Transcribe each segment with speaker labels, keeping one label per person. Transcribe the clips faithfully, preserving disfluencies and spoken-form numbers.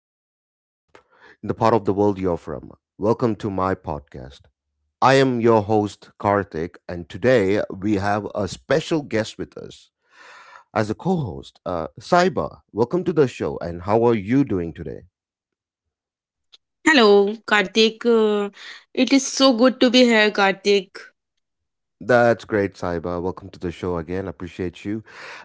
Speaker 1: wherever in the part of the world you're from. Welcome to my podcast. I am your host, Karthik, and today we have a special guest with us as a co host, uh, Saiba. Welcome to the show, and how are you doing today?
Speaker 2: Hello, Kartik. Uh, it is so good to be here, Kartik.
Speaker 1: That's great, Saiba. Welcome to the show again. Appreciate you.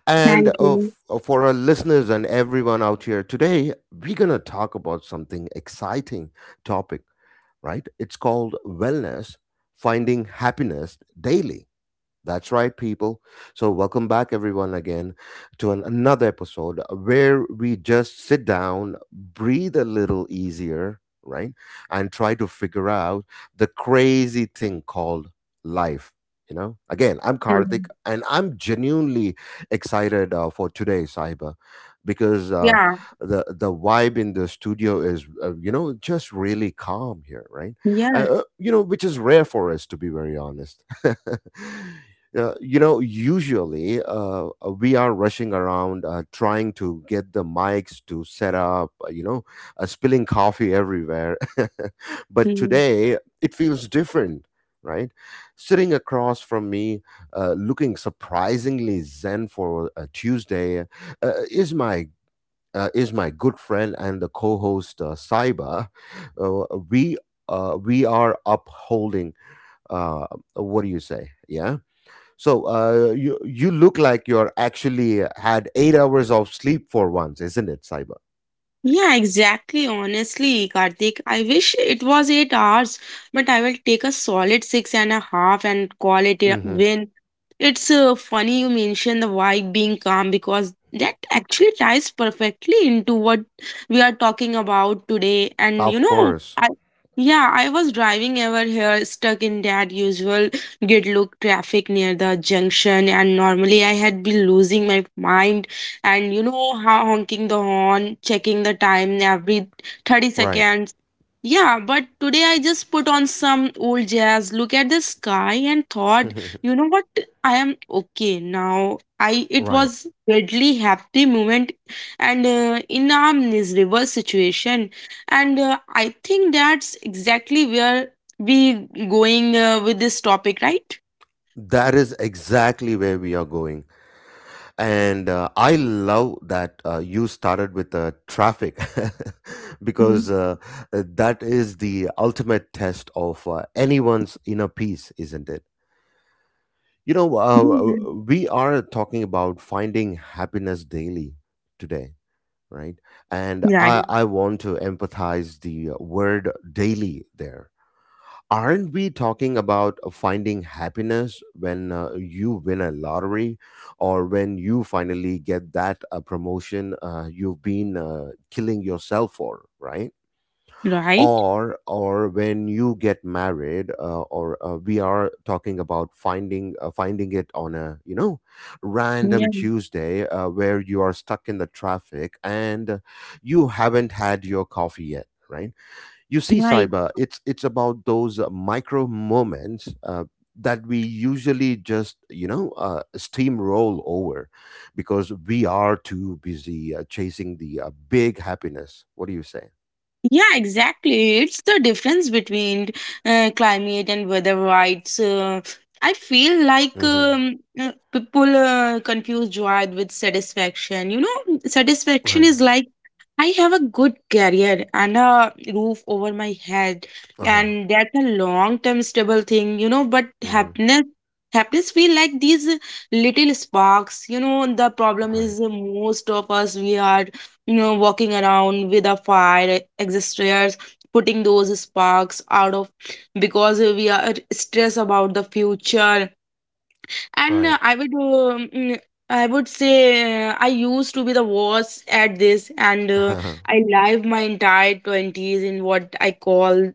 Speaker 1: And
Speaker 2: Thank
Speaker 1: uh,
Speaker 2: you.
Speaker 1: f- uh, for our listeners and everyone out here, today we're going to talk about something exciting topic, right? It's called wellness, finding happiness daily. That's right, people. So, welcome back, everyone, again to an, another episode where we just sit down, breathe a little easier, right? And try to figure out the crazy thing called life. You know, again, I'm
Speaker 2: Mm.
Speaker 1: Karthik and I'm genuinely excited uh, for today, Saiba, because uh,
Speaker 2: Yeah,
Speaker 1: the the vibe in the studio is, uh, you know, just really calm here, right?
Speaker 2: yes.
Speaker 1: Uh, uh, you know, which is rare for us, to be very honest. Uh, you know, usually uh, uh, we are rushing around uh, trying to get the mics to set up, uh, you know, uh, spilling coffee everywhere. But today it feels different, right? Sitting across from me, uh, looking surprisingly zen for a Tuesday, uh, is my uh, is my good friend and the co-host, uh, Saiba. Uh, we uh, we are upholding. Uh, what do you say? Yeah. So uh, you you look like you're actually had eight hours of sleep for once, isn't it, Cyber?
Speaker 2: Yeah, exactly. Honestly, Karthik, I wish it was eight hours, but I will take a solid six and a half and call it a
Speaker 1: Hmm.
Speaker 2: win. It's uh, funny you mention the vibe being calm because that actually ties perfectly into what we are talking about today. And you
Speaker 1: Of
Speaker 2: know,
Speaker 1: course,
Speaker 2: I yeah, I was driving over here stuck in that usual gridlock traffic near the junction, and normally I had been losing my mind, and you know, how honking the horn, checking the time every 30
Speaker 1: right.
Speaker 2: seconds. Yeah, but today I just put on some old jazz, look at the sky, and thought, you know what, I am okay now. I it
Speaker 1: Right.
Speaker 2: was weirdly happy moment, and uh, in a miserable situation. And uh, I think that's exactly where we going uh, with this topic, right?
Speaker 1: That is exactly where we are going, and uh, I love that uh, you started with the traffic because
Speaker 2: Mhm.
Speaker 1: uh, that is the ultimate test of uh, anyone's inner peace, isn't it? You know, uh, we are talking about finding happiness daily today, right? And
Speaker 2: Right.
Speaker 1: i i want to empathize the word daily there. Aren't we talking about finding happiness when uh, you win a lottery, or when you finally get that uh, promotion uh, you've been uh, killing yourself for, right?
Speaker 2: Right.
Speaker 1: or or when you get married, uh, or uh, we are talking about finding uh, finding it on a, you know,
Speaker 2: Yeah.
Speaker 1: random Tuesday uh, where you are stuck in the traffic and you haven't had your coffee yet, right? You see,
Speaker 2: Right.
Speaker 1: Cyber, it's it's about those uh, micro moments uh, that we usually just, you know, uh, steamroll over because we are too busy uh, chasing the uh, big happiness. What do you say?
Speaker 2: Yeah, exactly. It's the difference between uh, climate and weather rights. Uh, I feel like
Speaker 1: Hmm.
Speaker 2: um, uh, people uh, confuse joy with satisfaction. You know, satisfaction
Speaker 1: Right.
Speaker 2: is like I have a good career and a roof over my head,
Speaker 1: Uh-huh.
Speaker 2: and that's a long-term stable thing, you know. But
Speaker 1: Mm-hmm.
Speaker 2: happiness, happiness feel like these little sparks, you know. The problem
Speaker 1: Right.
Speaker 2: is, most of us, we are, you know, walking around with a fire extinguishers, putting those sparks out of, because we are stressed about the future. And uh,
Speaker 1: Right.
Speaker 2: i would um, mm, i would say uh, I used to be the worst at this. And uh, I lived my entire twenties in what i call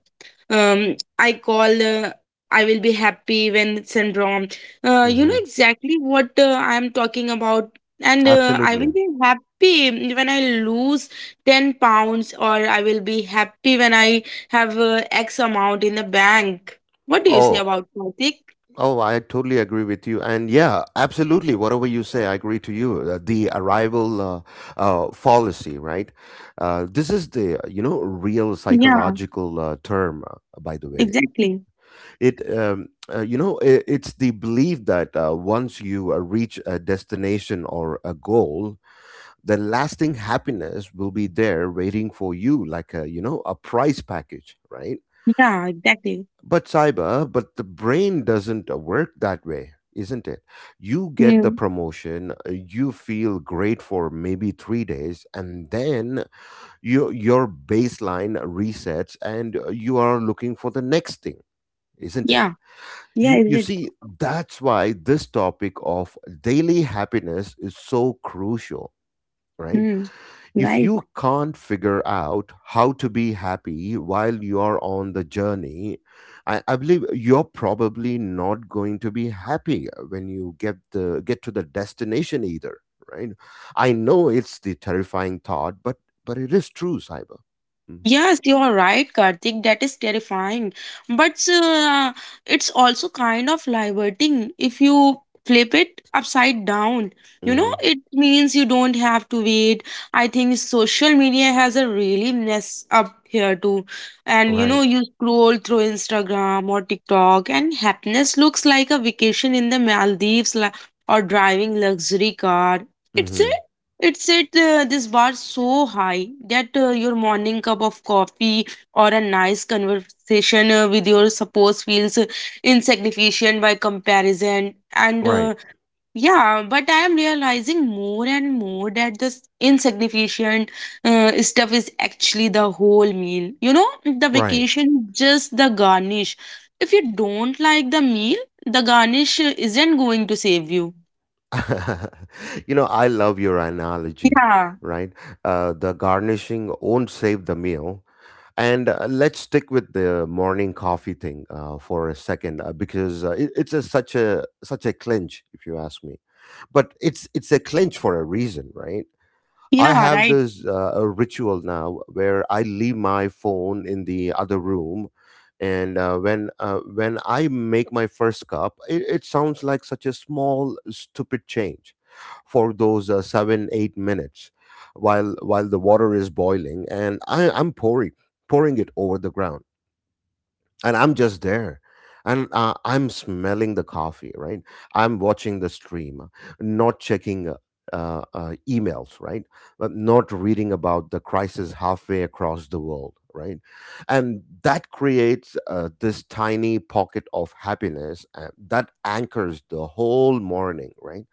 Speaker 2: um i call uh, "I will be happy when" syndrome. Uh, you know
Speaker 1: Mm-hmm.
Speaker 2: exactly what uh, I am talking about. And uh, I will
Speaker 1: Absolutely.
Speaker 2: be happy when I lose ten pounds, or I will be happy when I have uh, X amount in the bank. What do you say
Speaker 1: Oh,
Speaker 2: about, Karthik?
Speaker 1: oh, I totally agree with you. And yeah, absolutely. Whatever you say, I agree to you. Uh, the arrival uh, uh, fallacy, right? Uh, this is the, you know, real
Speaker 2: Yeah,
Speaker 1: psychological uh, term, uh, by the way.
Speaker 2: exactly.
Speaker 1: It, um, uh, you know, I it's the belief that uh, once you uh, reach a destination or a goal, the lasting happiness will be there waiting for you like a, you know, a prize package, right?
Speaker 2: Yeah, exactly.
Speaker 1: But Cyber, but the brain doesn't uh, work that way, isn't it? You get the
Speaker 2: Mm.
Speaker 1: promotion, uh, you feel great for maybe three days and then your your baseline resets and uh, you are looking for the next thing, isn't it?
Speaker 2: Yeah, yeah,
Speaker 1: you
Speaker 2: is
Speaker 1: you
Speaker 2: it?
Speaker 1: see, that's why this topic of daily happiness is so crucial, right?
Speaker 2: Mm.
Speaker 1: If
Speaker 2: Right.
Speaker 1: you can't figure out how to be happy while you are on the journey, I, I believe you're probably not going to be happy when you get the get to the destination either, right? I know it's the terrifying thought, but but it is true, Cyber. Mm-hmm.
Speaker 2: Yes, you are right, Karthik. That is terrifying. But uh, it's also kind of liberating if you flip it upside down. You know,
Speaker 1: Mm-hmm.
Speaker 2: it means you don't have to wait. I think social media has a really mess up here too. And you know,
Speaker 1: Right.
Speaker 2: you scroll through Instagram or TikTok, and happiness looks like a vacation in the Maldives la- or driving luxury car. It's a
Speaker 1: Mm-hmm.
Speaker 2: it set uh, this bar so high that uh, your morning cup of coffee or a nice conversation uh, with your spouse feels uh, insignificant by comparison. And
Speaker 1: Right.
Speaker 2: uh, yeah, but I am realizing more and more that this insignificant uh, stuff is actually the whole meal. You know, the
Speaker 1: Right.
Speaker 2: vacation, just the garnish. If you don't like the meal, the garnish uh, isn't going to save you.
Speaker 1: You know, I love your analogy,
Speaker 2: Yeah,
Speaker 1: right? Uh, the garnishing won't save the meal. And uh, let's stick with the morning coffee thing uh, for a second, uh, because uh, it, it's a, such a such a clinch, if you ask me. But it's it's a clinch for a reason, right? I
Speaker 2: yeah,
Speaker 1: have
Speaker 2: right.
Speaker 1: this uh, a ritual now where I leave my phone in the other room, and uh, when uh, when I make my first cup, it, it sounds like such a small stupid change for those uh, seven eight minutes while while the water is boiling, and I, I'm pouring pouring it over the ground and I'm just there. And uh, I'm smelling the coffee, right? I'm watching the stream, not checking uh, uh, uh, emails, right? But not reading about the crisis halfway across the world, right? And that creates uh, this tiny pocket of happiness uh, that anchors the whole morning, right?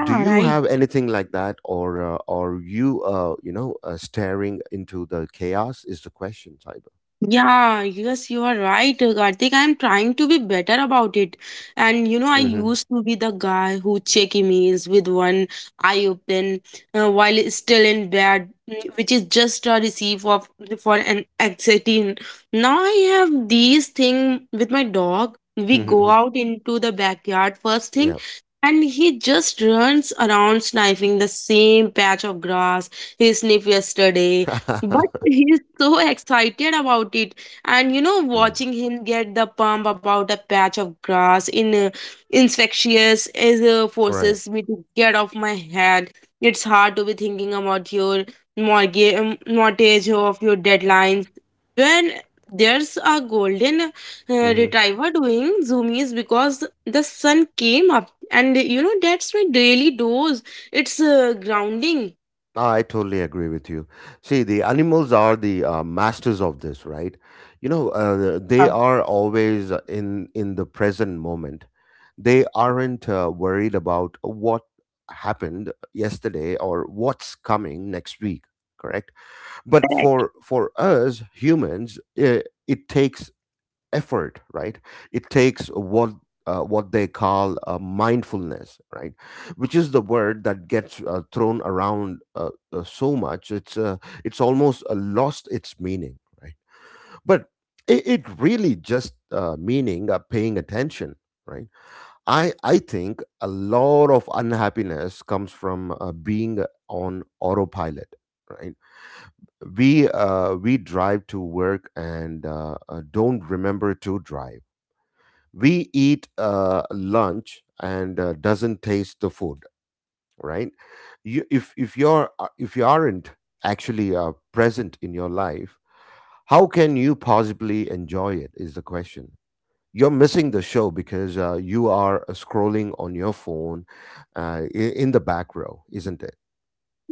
Speaker 1: Do you
Speaker 2: right.
Speaker 1: have anything like that, or uh, are you, uh, you know, uh, staring into the chaos? Is the question, Cyber?
Speaker 2: Yeah, yes, you are right, Karthik. I'm trying to be better about it. And you know, I
Speaker 1: Hmm.
Speaker 2: used to be the guy who check emails with one eye open, uh, while still in bed, mm, which is just a receipt of for an anxiety. Now I have these thing with my dog. We go out into the backyard first thing,
Speaker 1: Yeah.
Speaker 2: and he just runs around sniffing the same patch of grass he sniffed yesterday, but he's so excited about it. And you know,
Speaker 1: Right.
Speaker 2: watching him get the pump about a patch of grass in uh, infectious is uh,
Speaker 1: Right.
Speaker 2: forces me to get off my head. It's hard to be thinking about your mortgage, um, mortgage of your deadlines, when there's a golden uh,
Speaker 1: Hmm.
Speaker 2: retriever doing zoomies because the sun came up, and you know, that's my daily dose. It's uh, grounding.
Speaker 1: I totally agree with you. See, the animals are the uh, masters of this, right? You know, uh, they
Speaker 2: Yeah,
Speaker 1: are always in in the present moment. They aren't uh, worried about what happened yesterday or what's coming next week, correct? But
Speaker 2: correct.
Speaker 1: for for us humans, it, it takes effort, right? It takes what, uh, what they call uh, mindfulness, right? Which is the word that gets uh, thrown around uh, uh, so much, it's uh, it's almost uh, lost its meaning, right? But it, it really just uh, meaning uh, paying attention, right? I i think a lot of unhappiness comes from uh, being on autopilot, right? We uh, we drive to work and uh, uh, don't remember to drive. We eat uh, lunch and uh, doesn't taste the food, right? you, if if you're
Speaker 2: Yeah.
Speaker 1: uh, if you aren't actually uh, present in your life, how can you possibly enjoy it is the question. You're missing the show because uh, you are uh, scrolling on your phone uh, i- in the back row, isn't it?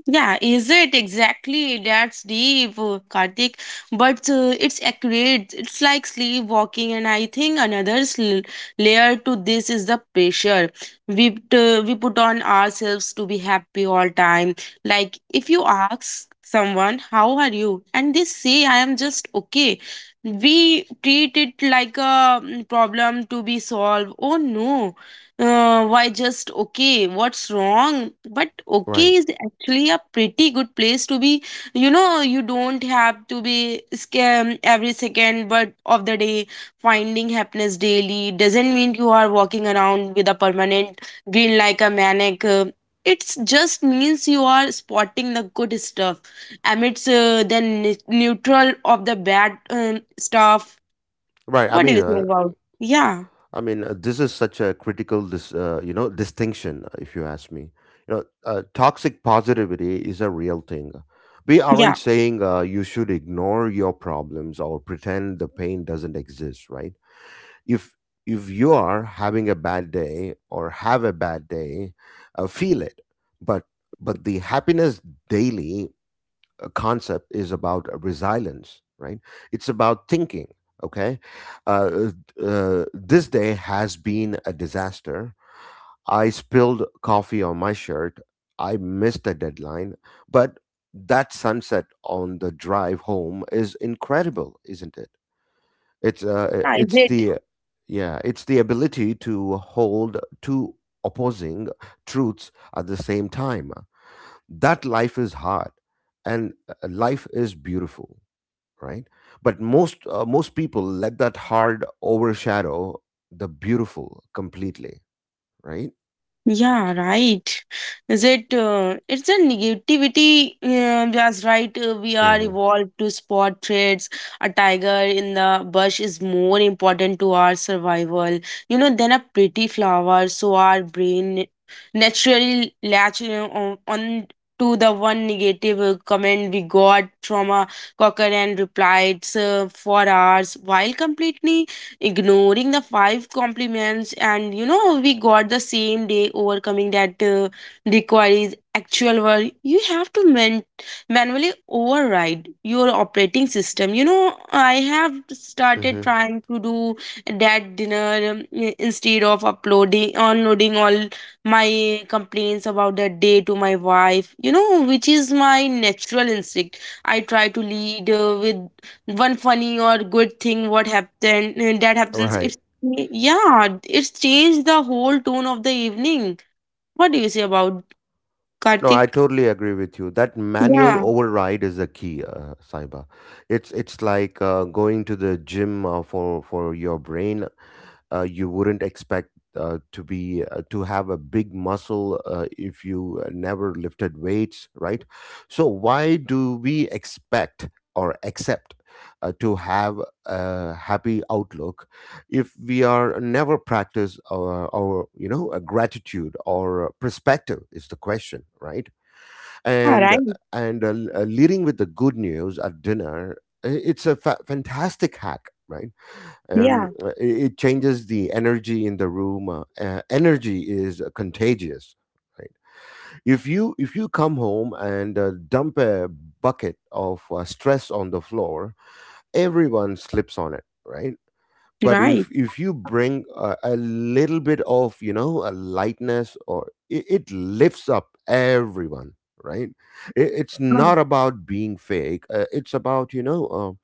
Speaker 2: Yeah, is it exactly? That's deep, uh, Karthik. But uh, it's accurate. It's like sleepwalking, and I think another sl- layer to this is the pressure we t- we put on ourselves to be happy all time. Like if you ask someone, "How are you?" and they say, "I am just okay," we treat it like a mm, problem to be solved. Oh no! Uh, why just okay? What's wrong? But
Speaker 1: Right.
Speaker 2: okay is actually a pretty good place to be. You know, you don't have to be scam every second but of the day. Finding happiness daily doesn't mean you are walking around with a permanent grin like a maniac. Uh, It just means you are spotting the good stuff amidst uh, the ne- neutral of the bad um, stuff.
Speaker 1: right i
Speaker 2: What do
Speaker 1: mean
Speaker 2: you think
Speaker 1: uh,
Speaker 2: about? Yeah,
Speaker 1: I mean, uh, this is such a critical, dis, uh, you know, distinction. uh, If you ask me, you know, uh, toxic positivity is a real thing. We aren't
Speaker 2: yeah,
Speaker 1: saying uh, you should ignore your problems or pretend the pain doesn't exist, right? If if you are having a bad day or have a bad day, uh, feel it, but but the happiness daily uh, concept is about resilience, right? It's about thinking. Okay, uh, uh, this day has been a disaster. I spilled coffee on my shirt. I missed a deadline, but that sunset on the drive home is incredible, isn't it? It's uh,
Speaker 2: yeah. Is
Speaker 1: it's
Speaker 2: it?
Speaker 1: the yeah, it's the ability to hold two opposing truths at the same time, that life is hard and uh, life is beautiful, right? But most uh, most people let that hard overshadow the beautiful completely, right?
Speaker 2: Yeah, right. Is it? Uh, it's a negativity. Uh, that's right. Uh, we are
Speaker 1: Mm-hmm.
Speaker 2: evolved to spot traits. A tiger in the bush is more important to our survival, you know, than a pretty flower. So our brain naturally latch, you know, on, on to the one negative uh, comment we got from a cocker and replied uh, for hours, while completely ignoring the five compliments. And you know, we got the same day. Overcoming that uh, requires actual work. You have to man- manually override your operating system. You know, I have started
Speaker 1: Mm-hmm.
Speaker 2: trying to do that dinner, um, i- instead of uploading unloading all my complaints about that day to my wife, you know, which is my natural instinct. I try to lead uh, with one funny or good thing what happened, uh, that
Speaker 1: All
Speaker 2: happens.
Speaker 1: right.
Speaker 2: It's Yeah, it's changed the whole tone of the evening. What do you say about,
Speaker 1: No, I
Speaker 2: Kartik?
Speaker 1: totally agree with you. That manual
Speaker 2: Yeah.
Speaker 1: override is a key, uh, Saiba. It's it's like uh, going to the gym uh, for for your brain. Uh, you wouldn't expect uh, to be uh, to have a big muscle uh, if you uh, never lifted weights, right? So why do we expect or accept uh, to have a happy outlook if we are never practice our, our, you know, a gratitude or perspective is the question, right?
Speaker 2: Yeah,
Speaker 1: And
Speaker 2: right.
Speaker 1: and uh, l- uh, leading with the good news at dinner, i- it's a fa- fantastic hack, right? Um,
Speaker 2: Yeah,
Speaker 1: uh, it, it changes the energy in the room, uh, uh, energy is uh, contagious, right? If you if you come home and uh, dump a bucket of uh, stress on the floor, everyone slips on it, right? But
Speaker 2: right.
Speaker 1: if if you bring a, a little bit of, you know, a lightness, or it, it lifts up everyone, right? It, it's
Speaker 2: Yeah.
Speaker 1: not about being fake, uh, it's about, you know,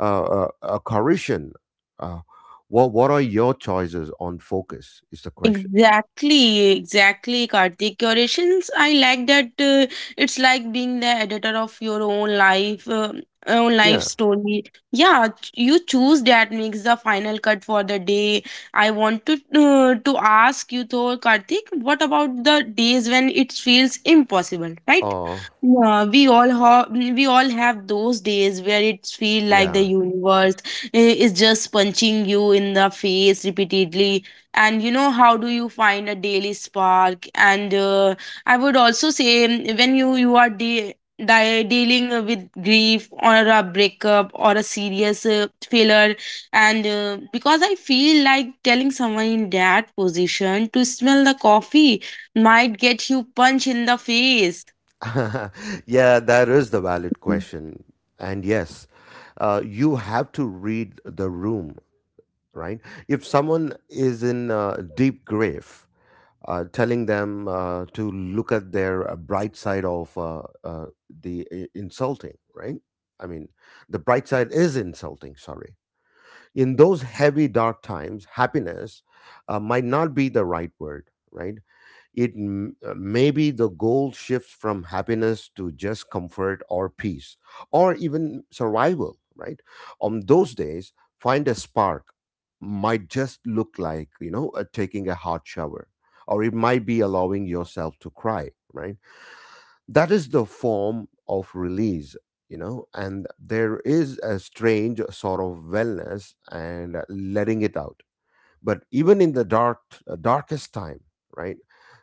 Speaker 1: uh, uh, uh, a correction, uh, what what are your choices on focus is the question.
Speaker 2: Exactly, exactly, Karthik. Curations, I like that. Uh, it's like being the editor of your own life, uh, own life
Speaker 1: Yeah.
Speaker 2: story. Yeah, ch- you choose that makes the final cut for the day. I want to uh, to ask you though, Karthik, what about the days when it feels impossible, right?
Speaker 1: Oh.
Speaker 2: Yeah, we all have we all have those days where it feel like the
Speaker 1: Yeah.
Speaker 2: universe uh, is just punching you in the face repeatedly. And you know, how do you find a daily spark? And uh, I would also say, mm, when you you are de- di- dealing with grief or a breakup or a serious uh, failure, and uh, because I feel like telling someone in that position to smell the coffee might get you punch in the face.
Speaker 1: Yeah, that is the valid question. And yes, uh,
Speaker 2: Yeah,
Speaker 1: you have to read the room, right? If someone is in a deep grave, uh, telling them uh, to look at their uh, bright side of uh, uh, the i- insulting, right? I mean, the bright side is insulting, sorry. In those heavy, dark times, happiness uh, might not be the right word, right? It m- uh, maybe the goal shifts from happiness to just comfort or peace or even survival, right? On those days, find a spark might just look like, you know, uh, taking a hot shower, or it might be allowing yourself to cry, right? That is the form of release. You know and there is a strange sort of wellness and letting it out, but even in the dark uh, darkest time, right,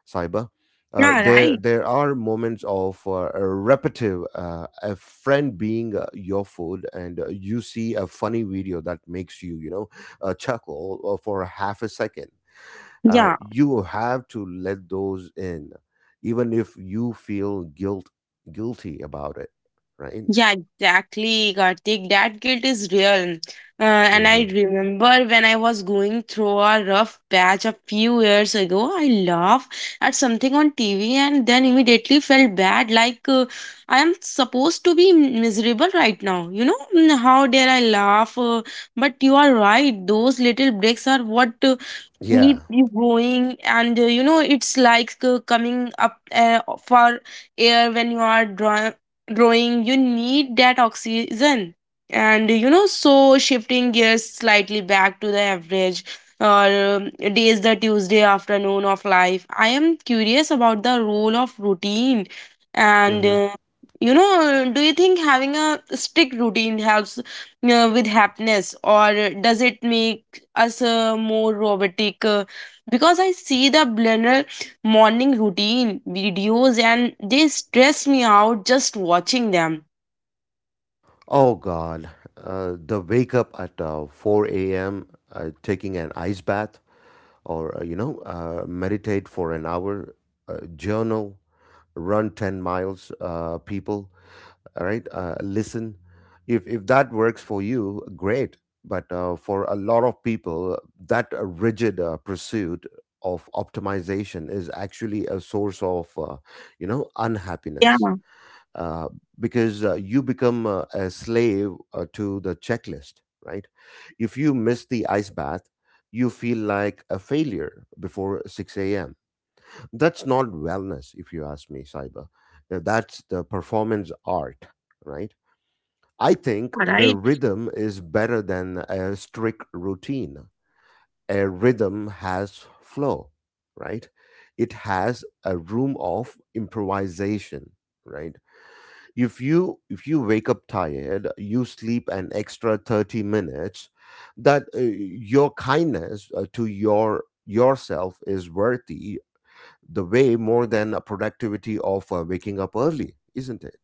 Speaker 1: cyber, uh,
Speaker 2: yeah,
Speaker 1: there
Speaker 2: right.
Speaker 1: there are moments of uh, a repetitive, uh, a friend being uh, your food, and uh, you see a funny video that makes you you know uh, chuckle uh, for a half a second. Uh,
Speaker 2: Yeah.
Speaker 1: you have to let those in, even if you feel guilt guilty about it, right.
Speaker 2: Yeah, exactly, Karthik. That guilt is real. Uh, and I
Speaker 1: Hmm.
Speaker 2: remember when I was going through a rough patch a few years ago, I laughed at something on T V and then immediately felt bad, like, uh, I am supposed to be miserable right now. You know, Mm, how dare I laugh? Uh, but you are right, those little breaks are what uh,
Speaker 1: Yeah.
Speaker 2: keep you going. And uh, you know, it's like uh, coming up uh, for air when you are draw- drawing. You need that oxygen. And you know, so shifting gears slightly back to the average or um, days, the Tuesday afternoon of life, I am curious about the role of routine. And
Speaker 1: Hmm.
Speaker 2: uh, you know, do you think having a strict routine helps uh, with happiness, or does it make us uh, more robotic, uh, because I see the blender morning routine videos and they stress me out just watching them.
Speaker 1: Oh God, uh, the wake up at uh, four a m, uh, taking an ice bath, or uh, you know, uh, meditate for an hour, uh, journal, run ten miles, uh, people, all right, uh, listen. If if that works for you, great. But uh, for a lot of people, that uh, rigid uh, pursuit of optimization is actually a source of, uh, you know,
Speaker 2: Yeah,
Speaker 1: unhappiness, uh, because uh, you become uh, a slave uh, to the checklist, right? If you miss the ice bath, you feel like a failure before six a m. That's not wellness, if you ask me, Saiba. Uh, That's the performance art, right? I
Speaker 2: yeah,
Speaker 1: think the
Speaker 2: right.
Speaker 1: rhythm is better than a strict routine. A rhythm has flow, right? It has a room of improvisation, right? if you if you wake up tired, you sleep an extra thirty minutes. That uh, your kindness uh, to your yourself is worthy the way more than a productivity of uh, waking up early, isn't it?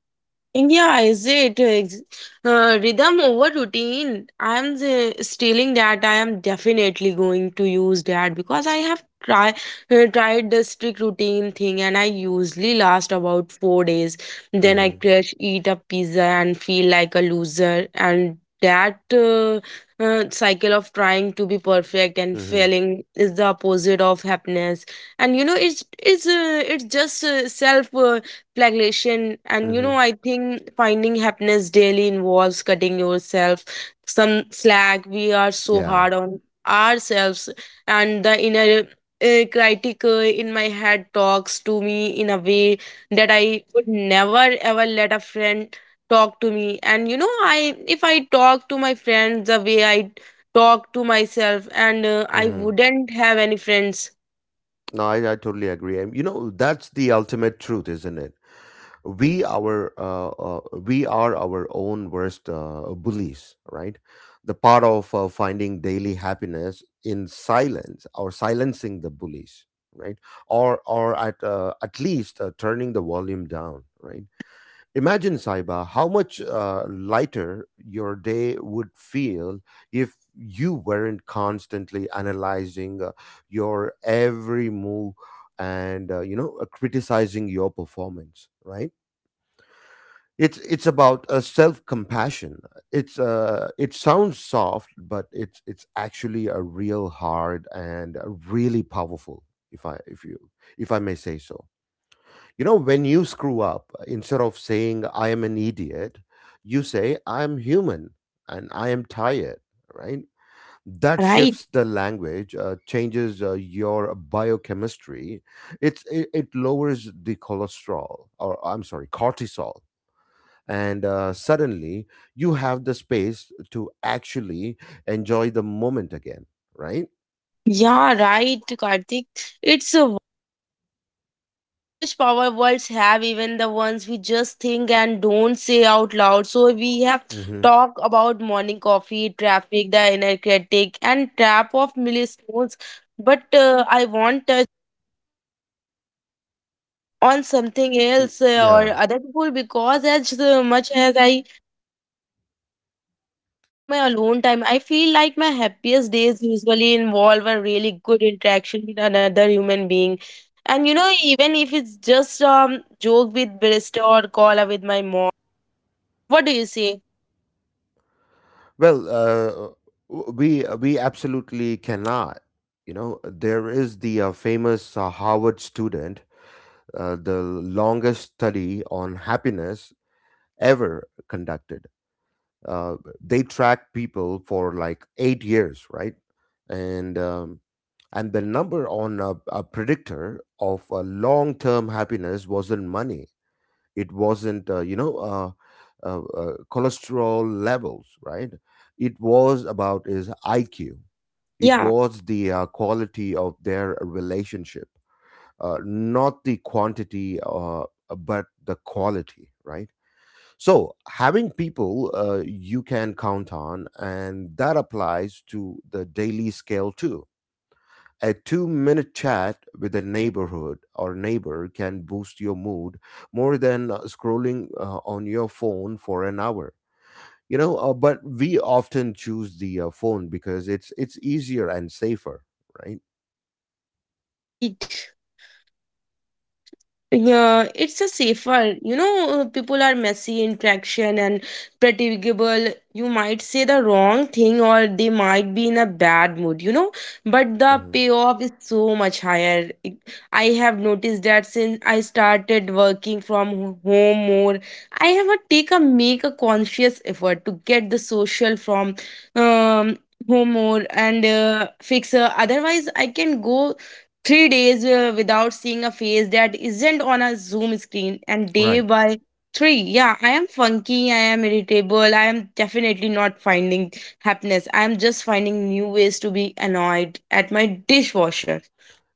Speaker 2: Yeah, is it ex- uh, rhythm over routine? I'm the, stealing that. I am definitely going to use that because I have try uh, tried the strict routine thing, and I usually last about four days. Then I
Speaker 1: Hmm.
Speaker 2: crash, eat a pizza, and feel like a loser. And that uh, uh, cycle of trying to be perfect and
Speaker 1: Hmm.
Speaker 2: failing is the opposite of happiness. And you know, it's it's uh, it's just uh, self. Uh, flagellation. And you know,
Speaker 1: Hmm.
Speaker 2: I think finding happiness daily involves cutting yourself some slack. We are so
Speaker 1: Yeah.
Speaker 2: hard on ourselves. And the inner uh, critic uh, in my head talks to me in a way that I would never ever let a friend talk to me. And you know, I if I talk to my friends the way I talk to myself, and uh, I
Speaker 1: Hmm.
Speaker 2: wouldn't have any friends.
Speaker 1: No, I, I totally agree, and you know, that's the ultimate truth, isn't it? We our uh, uh, we are our own worst uh, bullies, right, the part of
Speaker 2: Yeah,
Speaker 1: uh,
Speaker 2: right.
Speaker 1: finding daily happiness in silence, or silencing the bullies, right? Or or at uh, at least uh, turning the volume down, right? Imagine, Saiba, how much uh, lighter your day would feel if you weren't constantly analyzing uh, your every move and uh, you know uh, criticizing your performance, right? It's it's about a self compassion. It's uh it sounds soft, but it's it's actually a real hard and a really powerful. If I if you if I may say so, you know, when you screw up, instead of saying I am an idiot, you say I am human and I am tired. Right?
Speaker 2: Yeah,
Speaker 1: That
Speaker 2: right.
Speaker 1: shifts the language, uh, changes uh, your biochemistry. It's it, it lowers the cholesterol, or I'm sorry, cortisol, and uh, suddenly you have the space to actually enjoy the moment again, right.
Speaker 2: Yeah, right, Karthik. It's uh, how much power words have, even the ones we just think and don't say out loud. So we have
Speaker 1: Hmm.
Speaker 2: talked about morning coffee, traffic, the inner critic, and trap of millstones. But uh, I want touch on something
Speaker 1: Mm,
Speaker 2: else, uh, or
Speaker 1: yeah.
Speaker 2: other people, because as uh, much as I I like my alone time, I feel like my happiest days usually involve a really good interaction with another human being. And you know, even if it's just um joke with Barista or call up with my mom. What do you say?
Speaker 1: Well uh, w- we we absolutely cannot, you know, there is the uh, famous uh, harvard student, uh, the longest study on happiness ever conducted, uh, they tracked people for like eight years, right? and um, And the number on a, a predictor of uh, long term happiness wasn't money, it wasn't, uh, you know, uh, uh, uh, cholesterol levels, right? It was about his I Q, it
Speaker 2: Yeah,
Speaker 1: was the uh, quality of their relationship, uh, not the quantity, uh, but the quality, right? So, having people uh, you can count on, and that applies to the daily scale too. A two minute chat with a neighborhood or neighbor can boost your mood more than uh, scrolling uh, on your phone for an hour. You know, uh, but we often choose the uh, phone because it's it's easier and safer, right?
Speaker 2: yeah, right. Yeah, it's a safer. You know, uh, people are messy in traction and predictable. You might say the wrong thing or they might be in a bad mood, you know, but the
Speaker 1: Hmm.
Speaker 2: payoff is so much higher. It- I have noticed that since I started working from ho- home more, I have a take a make a conscious effort to get the social from um home more and uh, fix uh, otherwise I can go three days uh, without seeing a face that isn't on a Zoom screen, and day
Speaker 1: Right.
Speaker 2: by three, yeah, I am funky, I am irritable, I am definitely not finding happiness. I am just finding new ways to be annoyed at my dishwasher.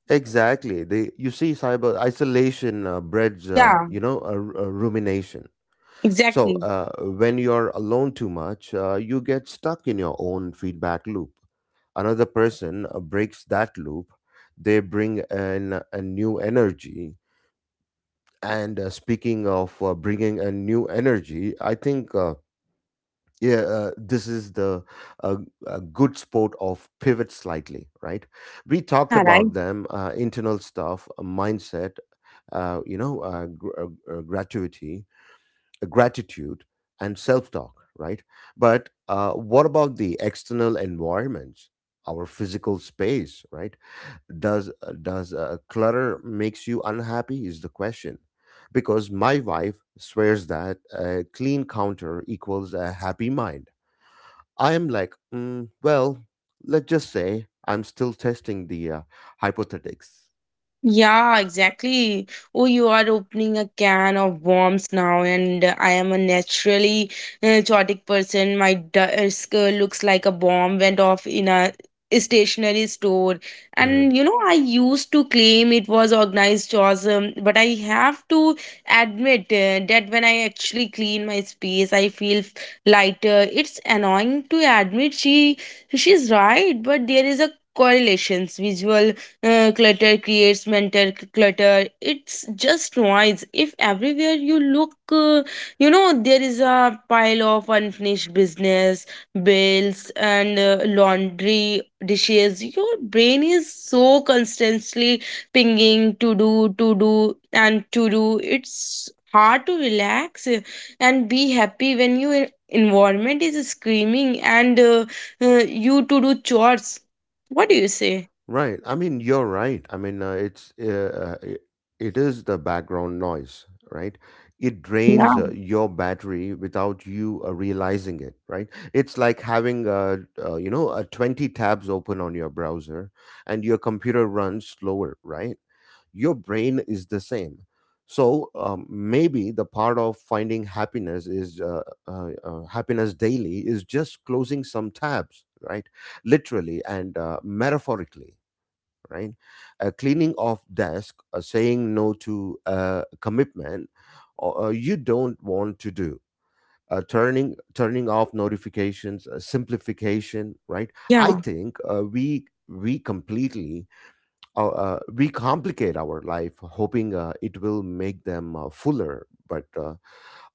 Speaker 1: Exactly. They, you see, cyber isolation uh, breeds, uh,
Speaker 2: Yeah,
Speaker 1: you know, a, r- a rumination. So
Speaker 2: exactly.
Speaker 1: uh, when you're alone too much, uh, you get stuck in your own feedback loop. Another person uh, breaks that loop, they bring an, a new energy. And uh, speaking of uh, bringing a new energy, I think uh, yeah uh, this is the uh, a good sport of pivot slightly, right? We talked
Speaker 2: Yeah, right.
Speaker 1: about them, uh, internal stuff, uh, mindset, uh, you know uh, gr- uh, uh, gratuity uh, gratitude and self-talk, right? But uh, what about the external environments, our physical space, right? Does uh, does uh, clutter makes you unhappy, is the question, because my wife swears that a clean counter equals a happy mind. I am like, mm, well, let's just say I'm still testing the uh, hypothetics.
Speaker 2: Yeah, exactly. Oh, you are opening a can of worms now, and uh, I am a naturally uh, chaotic person. My desk uh, looks like a bomb went off in a stationery store.
Speaker 1: Mm-hmm.
Speaker 2: And you know, I used to claim it was organized chores, um, but I have to admit uh, that when I actually clean my space, I feel f- lighter. It's annoying to admit she she's right, but there is a correlations visual uh, clutter creates mental c- clutter. It's just noise. If everywhere you look, uh, you know, there is a pile of unfinished business, bills, and uh, laundry dishes, your brain is so constantly pinging to do, to do, and to do. It's hard to relax uh, and be happy when your environment is screaming and uh, uh, you to do chores. What do you say?
Speaker 1: Right. I mean, you're right. I mean, uh, it's uh, uh, it, it is the background noise, right? It
Speaker 2: Yeah.
Speaker 1: drains uh, your battery without you uh, realizing it, right? It's like having uh, uh, you know, uh, twenty tabs open on your browser, and your computer runs slower, right? Your brain is the same. So um, maybe the part of finding happiness is uh, uh, uh, happiness daily is just closing some tabs, right? Literally and uh, metaphorically, right? A cleaning off desk, a saying no to a commitment or, uh, you don't want to do. Uh, turning turning off notifications, uh, simplification, right? I
Speaker 2: Yeah,
Speaker 1: think uh, we we completely uh, uh, we complicate our life, hoping uh, it will make them uh, fuller. But uh,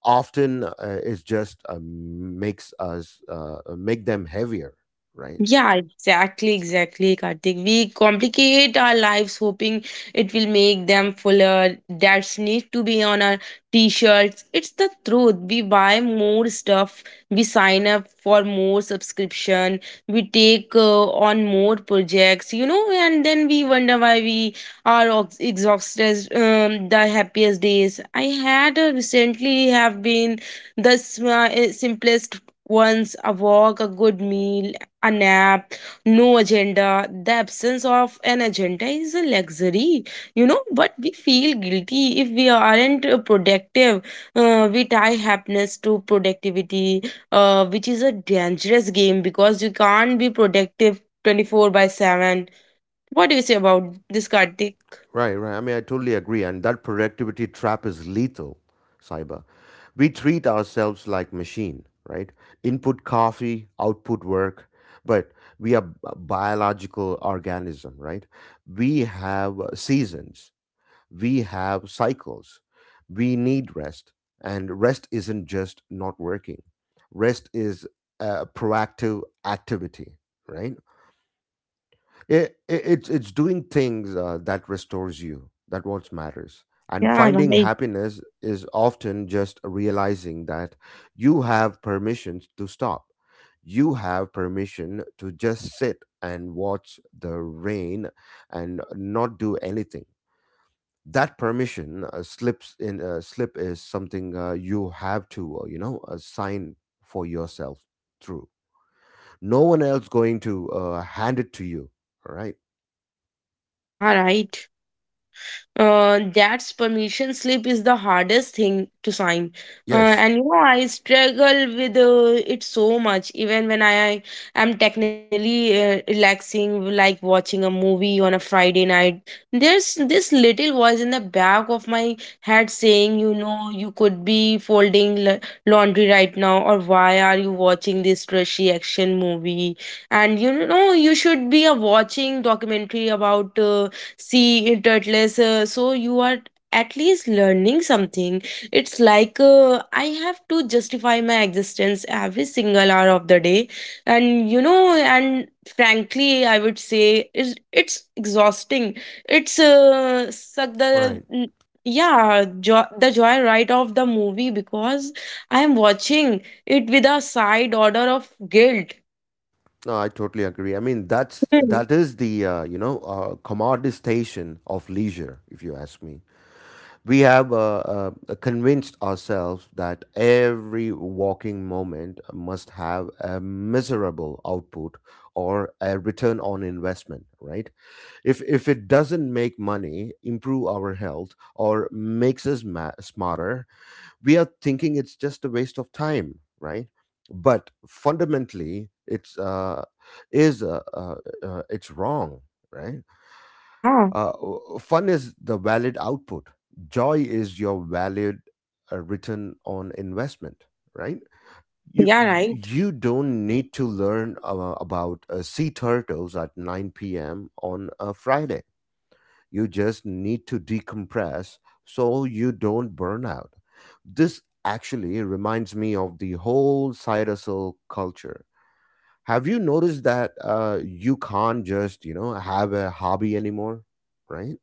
Speaker 1: often uh, it just uh, makes us uh, make them heavier, right?
Speaker 2: yeah, exactly, exactly, Karthik. We complicate our lives hoping it will make them fuller. That's need to be on our t-shirts. It's the truth. We buy more stuff, we sign up for more subscription, we take uh, on more projects, you know, and then we wonder why we are ox- exhausted um, the happiest days. I had uh, recently have been the sm- uh, simplest once a walk, a good meal, a nap, no agenda. The absence of an agenda is a luxury, you know, but we feel guilty if we aren't uh, productive. Uh, we tie happiness to productivity, uh, which is a dangerous game because you can't be productive twenty-four by seven. What do you say about this, Kartik?
Speaker 1: Right, right. I mean, I totally agree. And that productivity trap is lethal, cyber. We treat ourselves like machine, right? Input coffee, output work, but we are b- biological organism, right? We have seasons, we have cycles, we need rest, and rest isn't just not working. Rest is a proactive activity, right? It, it, it's it's doing things uh, that restores you. That what matters. And
Speaker 2: Yeah,
Speaker 1: finding
Speaker 2: right.
Speaker 1: happiness is often just realizing that you have permission to stop. You have permission to just sit and watch the rain and not do anything. That permission uh, slips in uh, slip is something uh, you have to uh, you know uh, sign for yourself through. No one else going to uh, hand it to you. All right.
Speaker 2: Yeah, right. Uh, that's permission slip is the hardest thing to sign uh,
Speaker 1: Yes.
Speaker 2: and you know I struggle with uh, it so much, even when I am technically uh, relaxing, like watching a movie on a Friday night. There's this little voice in the back of my head saying, you know, you could be folding la- laundry right now, or why are you watching this trashy action movie? And you know, you should be uh, watching documentary about uh, see turtles uh, so you are at least learning something. It's like uh, I have to justify my existence every single hour of the day. And you know, and frankly, I would say it's, it's exhausting. It's uh, suck the
Speaker 1: Right.
Speaker 2: n- yeah jo- the joy, right, of the movie because I am watching it with a side order of guilt.
Speaker 1: No, I totally agree. I mean, that's
Speaker 2: Hmm.
Speaker 1: that is the uh, you know uh, commoditization of leisure, if you ask me. We have uh, uh, convinced ourselves that every walking moment must have a miserable output or a return on investment, right? If if it doesn't make money, improve our health, or makes us ma- smarter, we are thinking it's just a waste of time, right? But fundamentally it's uh is uh, uh, uh, it's wrong, right?
Speaker 2: Yeah,
Speaker 1: Uh, w- fun is the valid output, joy is your valid uh, return on investment, right? you
Speaker 2: yeah,
Speaker 1: you
Speaker 2: right.
Speaker 1: you don't need to learn uh, about uh, sea turtles at nine p.m on a friday, you just need to decompress so you don't burn out. This actually reminds me of the whole side hustle culture. Have you noticed that uh, you can't just, you know, have a hobby anymore, right?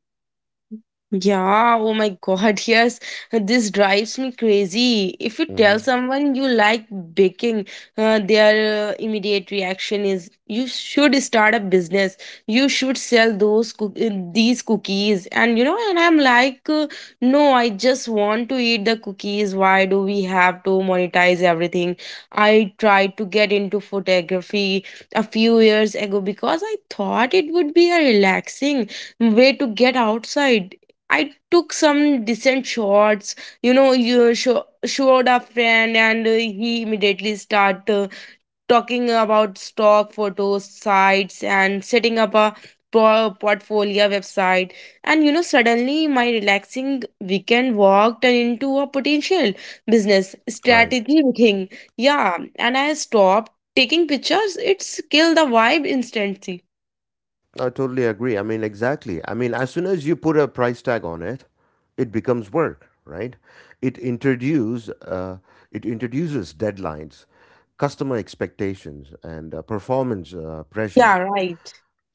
Speaker 2: Yeah, oh my god, yes, this drives me crazy. If you tell
Speaker 1: Hmm.
Speaker 2: someone you like baking, uh, their uh, immediate reaction is you should start a business. You should sell those cook- uh, these cookies. And you know, and I'm like, uh, no, I just want to eat the cookies. Why do we have to monetize everything? I tried to get into photography a few years ago because I thought it would be a relaxing way to get outside. I took some decent shots. You know, you show, showed a friend, and uh, he immediately start uh, talking about stock photos, sites, and setting up a pro- portfolio website. And you know, suddenly my relaxing weekend walked into a potential business
Speaker 1: Right.
Speaker 2: strategy thing. Yeah, and I stopped taking pictures. It's killed the vibe instantly.
Speaker 1: I totally agree. I mean, exactly. I mean, as soon as you put a price tag on it, it becomes work, right? It introduce
Speaker 2: Yeah,
Speaker 1: uh, it introduces deadlines, customer expectations, and uh, performance uh, pressure,
Speaker 2: yeah, right.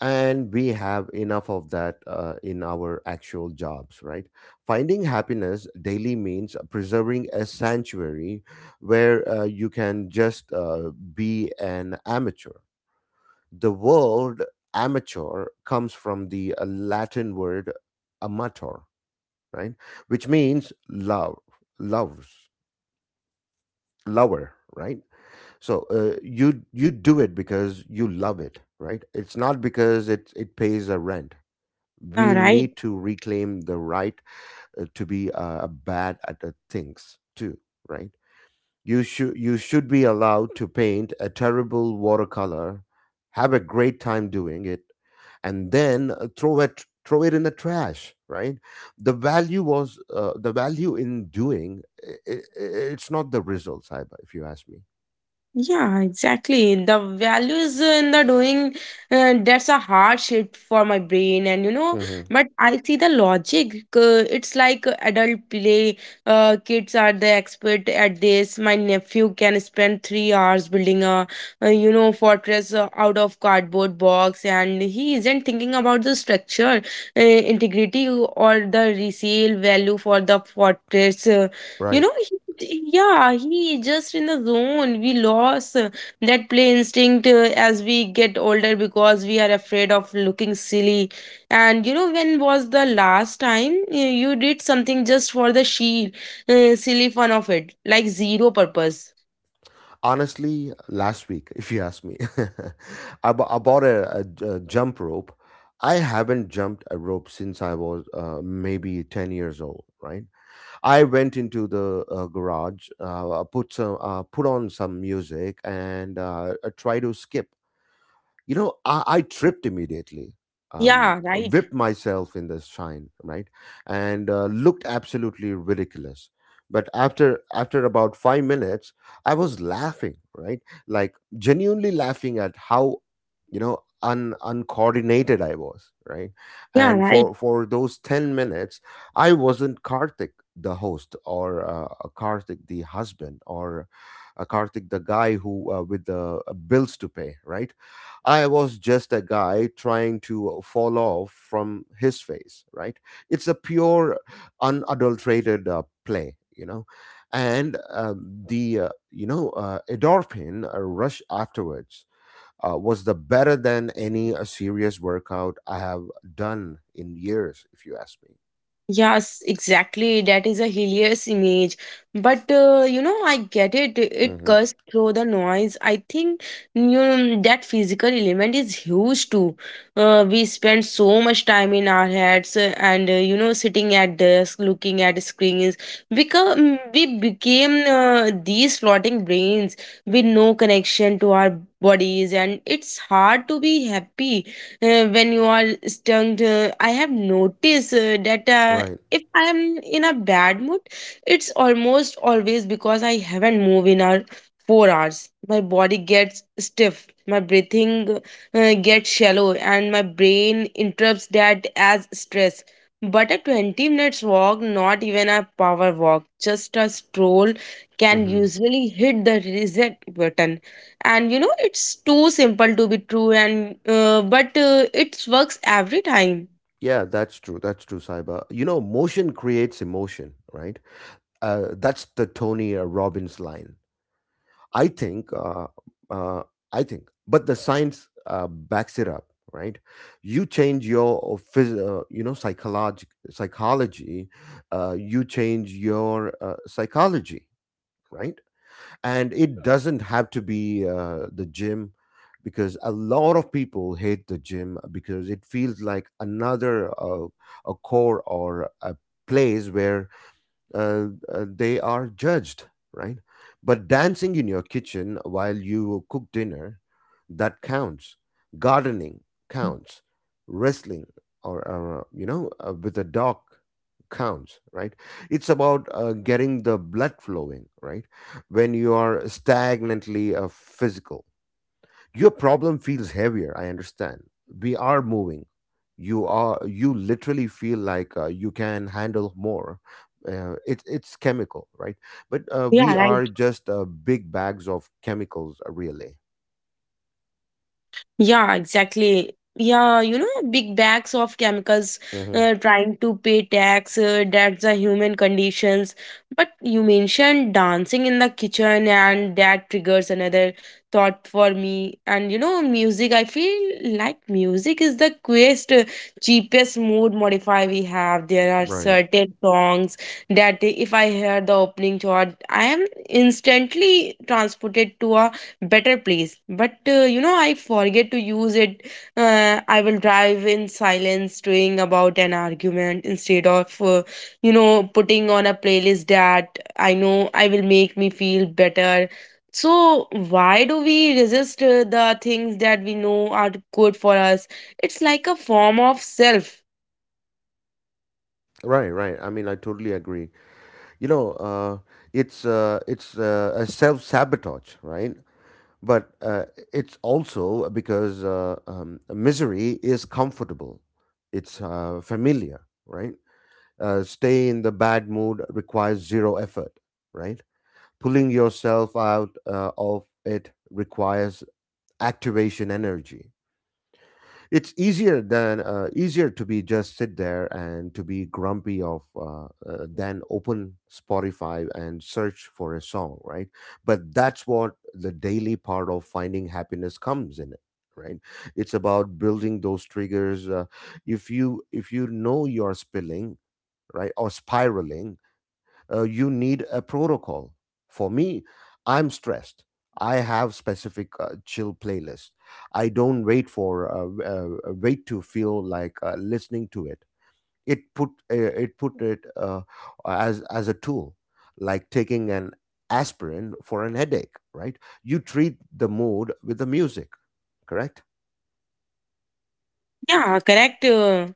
Speaker 1: and we have enough of that uh, in our actual jobs, right? Finding happiness daily means preserving a sanctuary where uh, you can just uh, be an amateur. The word amateur comes from the uh, latin word amator, right, which means love, loves, lover, right? So uh, you you do it because you love it, right, it's not because it it pays a rent.
Speaker 2: Yeah,
Speaker 1: we
Speaker 2: right.
Speaker 1: need to reclaim the right uh, to be uh, bad at the things too, right? You should you should be allowed to paint a terrible watercolor, have a great time doing it, and then uh, throw it throw it in the trash, right? The value was uh, the value in doing, i i i- it's not the results, I, if you ask me.
Speaker 2: Yeah, exactly. The values in the doing, uh, that's a hard shift for my brain. And you know,
Speaker 1: Hmm.
Speaker 2: but I see the logic. Uh, it's like adult play. Uh, kids are the expert at this. My nephew can spend three hours building a, uh, you know, fortress uh, out of cardboard box, and he isn't thinking about the structure, uh, integrity, or the resale value for the fortress. Uh, you
Speaker 1: Right.
Speaker 2: know, he, yeah, he just in the zone. We lost uh, that play instinct uh, as we get older because we are afraid of looking silly. And you know, when was the last time you, you did something just for the sheer uh, silly fun of it, like zero purpose?
Speaker 1: Honestly, last week, if you ask me, I, bou- I bought a, a j- a jump rope. I haven't jumped a rope since I was uh, maybe ten years old, right? I went into the uh, garage, uh, put some, uh, put on some music, and uh, uh, try to skip. You know, I, I tripped immediately, um,
Speaker 2: Yeah, right.
Speaker 1: whipped myself in the shine, right, and uh, looked absolutely ridiculous. But after after about five minutes, I was laughing, right, like genuinely laughing at how, you know, un uncoordinated I was, right,
Speaker 2: Yeah,
Speaker 1: and
Speaker 2: right.
Speaker 1: for for those ten minutes, I wasn't Karthik the host, or uh, a Karthik the husband, or a Karthik, the guy who uh, with the uh, bills to pay, right? I was just a guy trying to fall off from his face, right? It's a pure, unadulterated uh, play, you know. And um, the, uh, you know, uh, endorphin uh, rush afterwards uh, was the better than any uh, serious workout I have done in years, if you ask me.
Speaker 2: Yes, exactly. That is a hilarious image. But uh, you know, I get it. It
Speaker 1: Hmm.
Speaker 2: cuts through the noise. I think, you know, that physical element is huge too. Uh, we spend so much time in our heads uh, and uh, you know, sitting at desk, looking at screens. Become We became uh, these floating brains with no connection to our bodies, and it's hard to be happy uh, when you are stung. Uh, I have noticed uh, that uh,
Speaker 1: Right.
Speaker 2: if I am in a bad mood, it's almost always because I haven't moved in a four hours. My body gets stiff, my breathing uh, gets shallow, and my brain interprets that as stress. But a twenty minutes walk, not even a power walk, just a stroll can
Speaker 1: Hmm.
Speaker 2: usually hit the reset button. And you know, it's too simple to be true, and uh, but uh, it works every time.
Speaker 1: Yeah, that's true. That's true, Saiba. You know, motion creates emotion, right? Uh, that's the Tony uh, Robbins line. I think, uh, uh, I think, but the science uh, backs it up, right? You change your phys- uh, you know, psychology, psychology. Uh, you change your uh, psychology, right? And it doesn't have to be uh, the gym, because a lot of people hate the gym because it feels like another uh, a core or a place where uh, uh, they are judged, right? But dancing in your kitchen while you cook dinner, that counts. Gardening counts. Wrestling, or, or you know, uh, with a dog counts, right? It's about uh, getting the blood flowing, right? When you are stagnantly uh, physical, your problem feels heavier. I understand, we are moving. You are you literally feel like uh, you can handle more. Uh, it, it's chemical, right? But uh,
Speaker 2: Yeah,
Speaker 1: we
Speaker 2: right.
Speaker 1: are just uh, big bags of chemicals, uh, really.
Speaker 2: Yeah, exactly. Yeah, you know, big bags of chemicals
Speaker 1: Hmm.
Speaker 2: uh, trying to pay tax, uh, that's the human conditions. But you mentioned dancing in the kitchen, and that triggers another thought for me. And you know, music, I feel like music is the quickest, uh, cheapest mood modifier we have. There are
Speaker 1: Right,
Speaker 2: certain songs that if I hear the opening chord, I am instantly transported to a better place. But uh, you know, I forget to use it. uh, I will drive in silence doing about an argument instead of uh, you know, putting on a playlist that I know I will make me feel better. So why do we resist uh, the things that we know are good for us? It's like a form of self.
Speaker 1: right, right, I mean, I totally agree. you know uh, it's uh, it's uh, a self-sabotage, right? But uh, it's also because uh, um, misery is comfortable. It's uh, familiar, right? Uh, stay in the bad mood requires zero effort, right? Pulling yourself out uh, of it requires activation energy. It's easier than uh, easier to be just sit there and to be grumpy of uh, uh, than open Spotify and search for a song, right? But that's what the daily part of finding happiness comes in it, right? It's about building those triggers. Uh, if you if you know you're spilling, right, or spiraling, uh, you need a protocol. For me, I'm stressed. I have specific uh, chill playlist. I don't wait for uh, uh, wait to feel like uh, listening to it. It put uh, it put it uh, as as a tool, like taking an aspirin for an headache. Right? You treat the mood with the music. Correct?
Speaker 2: Yeah, correct. Uh,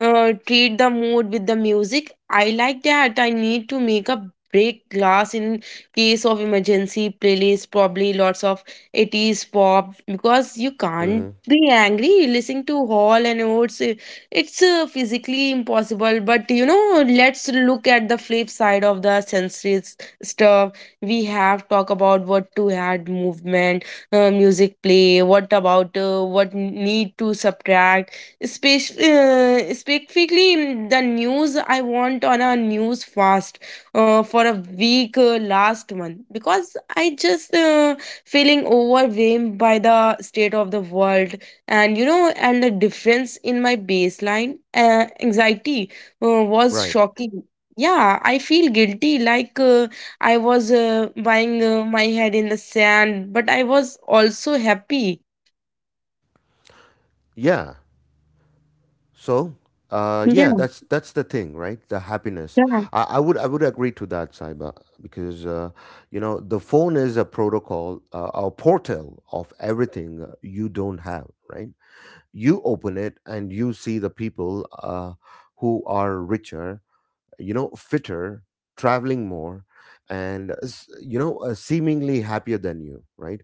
Speaker 2: uh, Treat the mood with the music. I like that. I need to make a break glass in case of emergency playlist, probably lots of eighties pop because you can't
Speaker 1: Hmm.
Speaker 2: be angry listening to Hall and Oates. Uh, It's uh, physically impossible, but you know, let's look at the flip side of the sensory s- stuff. We have talk about what to add movement, uh, music play, what about uh, what need to subtract. Spec- uh, specifically, mm, the news. I want on a news fast uh, for a week uh, last month, because I just uh, feeling overwhelmed by the state of the world. And you know, and the difference in my baseline uh, anxiety uh, was
Speaker 1: Right.
Speaker 2: shocking. Yeah, I feel guilty, like uh, I was uh, buying uh, my head in the sand, but I was also happy.
Speaker 1: Yeah. So, uh, yeah,
Speaker 2: Yeah,
Speaker 1: that's that's the thing, right? The happiness.
Speaker 2: yeah,
Speaker 1: I, I would I would agree to that, Saiba, because uh, you know the phone is a protocol, uh, a portal of everything you don't have, right? You open it and you see the people uh, who are richer, you know, fitter, traveling more, and uh, s- you know, uh, seemingly happier than you, right?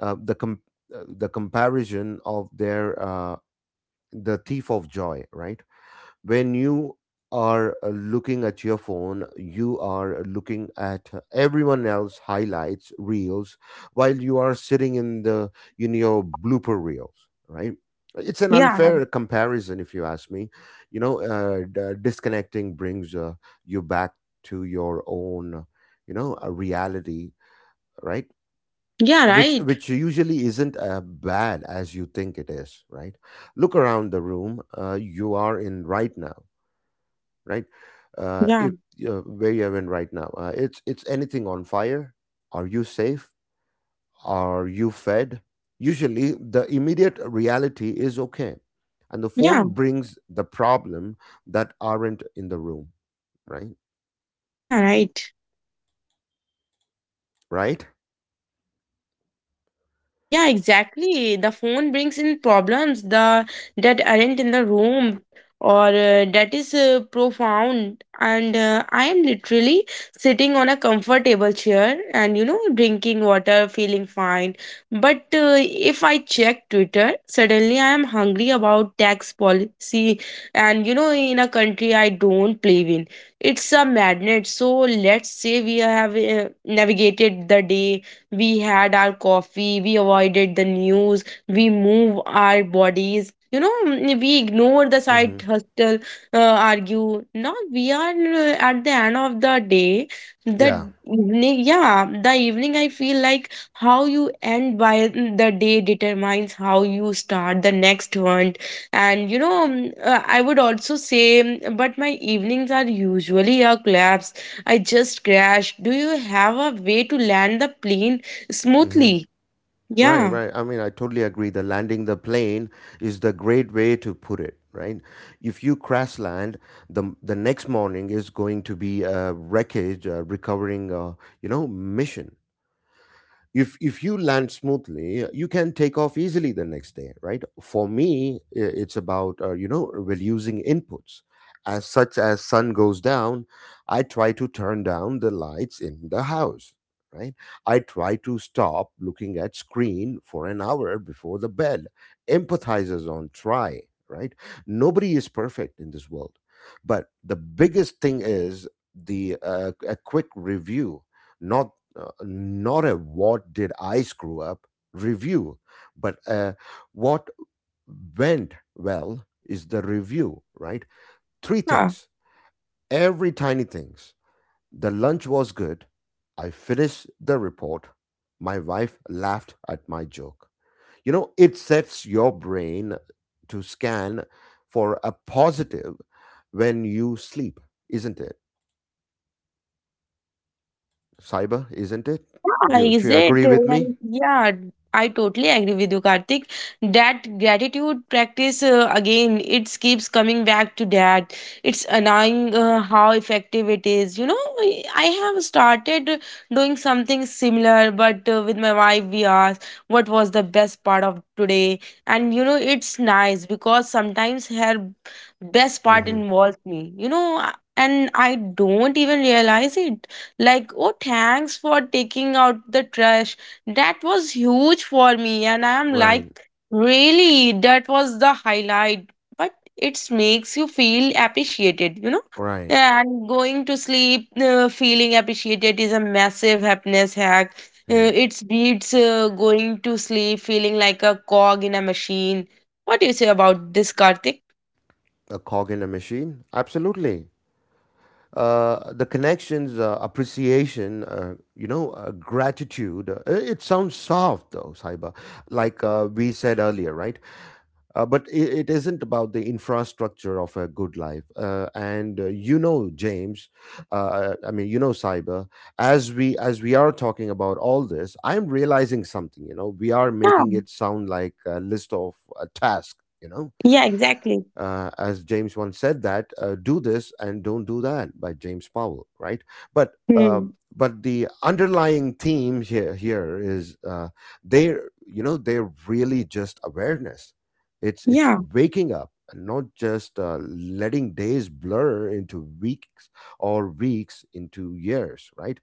Speaker 1: Uh, the com- uh, the comparison of their, uh, the thief of joy, right? When you
Speaker 2: yeah,
Speaker 1: are uh, looking at your phone, you are looking at everyone else highlights reels, while you are sitting in the in your blooper reels, right? It's an
Speaker 2: yeah,
Speaker 1: unfair comparison, if you ask me. You know, uh, d- uh, disconnecting brings uh, you back to your own, you know, uh, reality, right?
Speaker 2: yeah,
Speaker 1: Which
Speaker 2: right.
Speaker 1: which usually isn't uh, bad as you think it is, right? Look around the room uh, you are in right now, right? Uh,
Speaker 2: Yeah,
Speaker 1: if uh, where you're in right now, uh, it's it's anything on fire. Are you safe? Are you fed? Usually, the immediate reality is okay, and the
Speaker 2: yeah,
Speaker 1: phone brings the problem that aren't in the room, right?
Speaker 2: yeah, right.
Speaker 1: Right?
Speaker 2: Yeah, exactly. The phone brings in problems the that aren't in the room, or uh, that is uh, profound. And uh, I am literally sitting on a comfortable chair, and you know, drinking water, feeling fine. But uh, if I check Twitter, suddenly I am hungry about tax policy, and you know, in a country I don't believe in. It's a madness. So let's say we have uh, navigated the day. We had our coffee, we avoided the news, we move our bodies. You know, mm, we ignore the side
Speaker 1: Hmm.
Speaker 2: hustle, uh, argue. Now we are uh, at the end of the day. The
Speaker 1: Yeah.
Speaker 2: evening, yeah, the evening. I feel like how you end by the day determines how you start the next one. And you know, mm, uh, I would also say, mm, but my evenings are usually a collapse. I just crashed. Do you have a way to land the plane
Speaker 1: Mm-hmm.
Speaker 2: smoothly?
Speaker 1: Right,
Speaker 2: Yeah.
Speaker 1: right. I mean, I totally agree. The landing the plane is the great way to put it, right? If you crash land, the the next morning is going to be a wreckage uh, recovering, uh, you know, mission. If if you land smoothly, you can take off easily the next day, right? For me, i- it's about uh, you know reducing inputs. As such as sun goes down, I try to turn down the lights in the house, right? I try to stop looking at screen for an hour before the bed, empathizers on try, right? Nobody is perfect in this world, but the biggest thing is the uh, a quick review, not uh, not a what did I screw up review, but uh, what went well is the review, right? Three
Speaker 2: Yeah.
Speaker 1: things, every tiny things. The lunch was good. I finished the report. My wife laughed at my joke. You know, it sets your brain to scan for a positive when you sleep, isn't it? Cyber, isn't it? Do
Speaker 2: Yeah,
Speaker 1: you, do
Speaker 2: is
Speaker 1: you
Speaker 2: it?
Speaker 1: agree
Speaker 2: uh,
Speaker 1: with me?
Speaker 2: like- Yeah. I totally agree with you, Karthik. That gratitude practice, uh, again, it keeps coming back to that. It's annoying uh, how effective it is. You know, I I have started doing something similar, but uh, with my wife, we asked what was the best part of today. And, you know, it's nice because sometimes her best part
Speaker 1: Hmm.
Speaker 2: involves me, you know, and I don't even realize it, like, oh, thanks for taking out the trash, that was huge for me. And I am like,
Speaker 1: Right,
Speaker 2: really? That was the highlight? But it makes you feel appreciated, you know,
Speaker 1: right.
Speaker 2: and going to sleep uh, feeling appreciated is a massive happiness hack. Uh,
Speaker 1: Mm.
Speaker 2: it beats uh, going to sleep feeling like a cog in a machine. What do you say about this, Karthik?
Speaker 1: A cog in a machine? Absolutely. Uh, the connections, uh, appreciation, uh, you know, uh, gratitude. Uh, it sounds soft though, Saiba, like uh, we said earlier, right? Uh, but it, it isn't about the infrastructure of a good life. Uh, and uh, you know, James, uh, I mean, you know, Cyber. As we as we are talking about all this, I'm realizing something. You know, we are
Speaker 2: Yeah,
Speaker 1: making it sound like a list of a task. You know,
Speaker 2: yeah, exactly.
Speaker 1: uh, as James once said that uh, "Do this and don't do that" by James Powell, right? But
Speaker 2: Hmm.
Speaker 1: um, but the underlying theme here here is, uh, they you know they're really just awareness. It's it's
Speaker 2: Yeah,
Speaker 1: waking up and not just uh, letting days blur into weeks or weeks into years, right?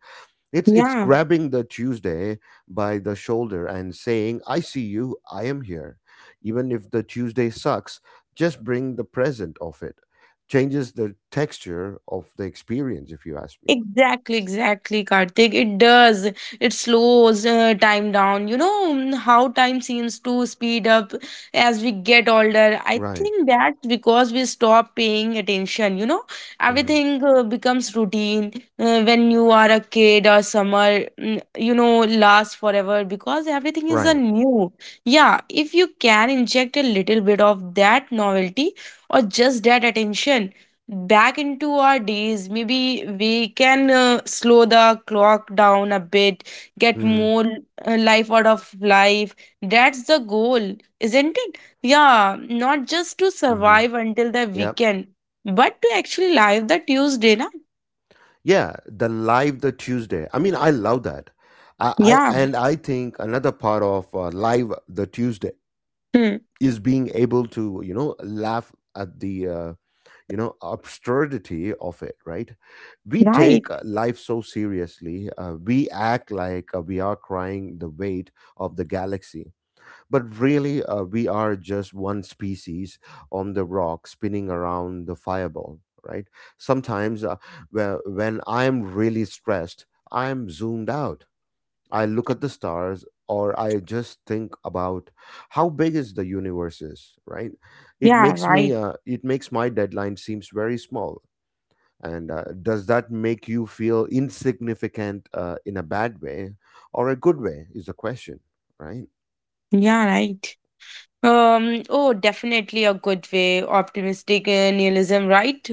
Speaker 1: It's it's
Speaker 2: yeah.
Speaker 1: grabbing the Tuesday by the shoulder and saying, "I see you. I am here." Even if the Tuesday sucks, just bring the present of it. Changes the texture of the experience, if you ask me.
Speaker 2: Exactly, exactly, Karthik. It does. It slows uh, time down. You know mm, how time seems to speed up as we get older. I
Speaker 1: Right.
Speaker 2: think that's because we stop paying attention. You know,
Speaker 1: Hmm.
Speaker 2: everything uh, becomes routine uh, when you are a kid or summer, mm, you know, lasts forever because everything is a
Speaker 1: Right.
Speaker 2: new. Yeah, if you can inject a little bit of that novelty or just that attention back into our days maybe we can uh, slow the clock down a bit, get
Speaker 1: Hmm.
Speaker 2: more uh, life out of life. That's the goal, isn't it? Yeah, not just to
Speaker 1: Hmm.
Speaker 2: survive until the
Speaker 1: Yep.
Speaker 2: weekend, but to actually live the tuesday na.
Speaker 1: Yeah. The live the Tuesday. I mean, I love that. I, I
Speaker 2: Yeah.
Speaker 1: and I think another part of uh, live the Tuesday
Speaker 2: Hmm.
Speaker 1: is being able to you know laugh at the uh, you know absurdity of it, right? We
Speaker 2: Right.
Speaker 1: take uh, life so seriously, uh, we act like uh, we are crying the weight of the galaxy, but really, uh, we are just one species on the rock spinning around the fireball, right? Sometimes uh, whe- when I'm really stressed, I'm zoomed out. I look at the stars or I just think about how big is the universe is, right? It
Speaker 2: Yeah.
Speaker 1: makes
Speaker 2: Right.
Speaker 1: me uh, it makes my deadline seems very small. And uh, does that make you feel insignificant uh, in a bad way or a good way is the question, right?
Speaker 2: Yeah. Right. Um, oh, definitely a good way. Optimistic uh, nihilism, right?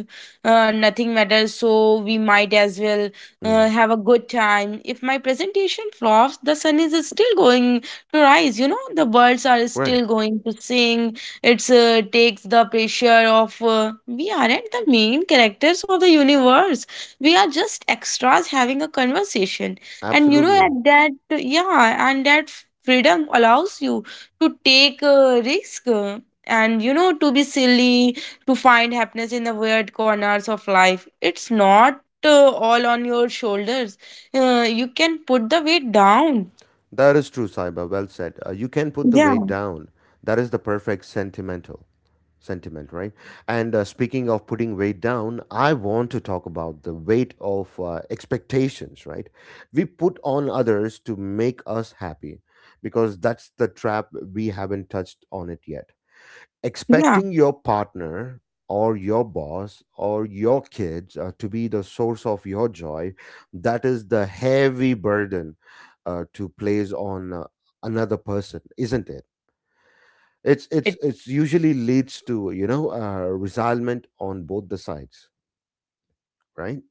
Speaker 2: Uh, nothing matters, so we might as well uh,
Speaker 1: Mhm.
Speaker 2: have a good time. If my presentation flops, the sun is still going to rise, you know, the birds are
Speaker 1: Right.
Speaker 2: still going to sing. It's uh, takes the pressure of uh, we aren't the main characters of the universe, we are just extras having a conversation. And you know,
Speaker 1: Absolutely.
Speaker 2: at that, yeah, and that freedom allows you to take a risk uh, and you know to be silly, to find happiness in the weird corners of life. It's not uh, all on your shoulders. Uh, you can put the weight down.
Speaker 1: That is true, Saiba. Well said. Uh, you can put the weight
Speaker 2: Yeah.
Speaker 1: down. That is the perfect sentimental. sentiment, right? And uh, speaking of putting weight down, I want to talk about the weight of uh, expectations, right? We put on others to make us happy, because that's the trap, we haven't touched on it yet.
Speaker 2: Yeah.
Speaker 1: Expecting your partner or your boss or your kids uh, to be the source of your joy, that is the heavy burden uh, to place on uh, another person, isn't it?
Speaker 2: Yeah, is
Speaker 1: it's it's
Speaker 2: it?
Speaker 1: it's usually leads to you know uh, resentment on both the sides, right?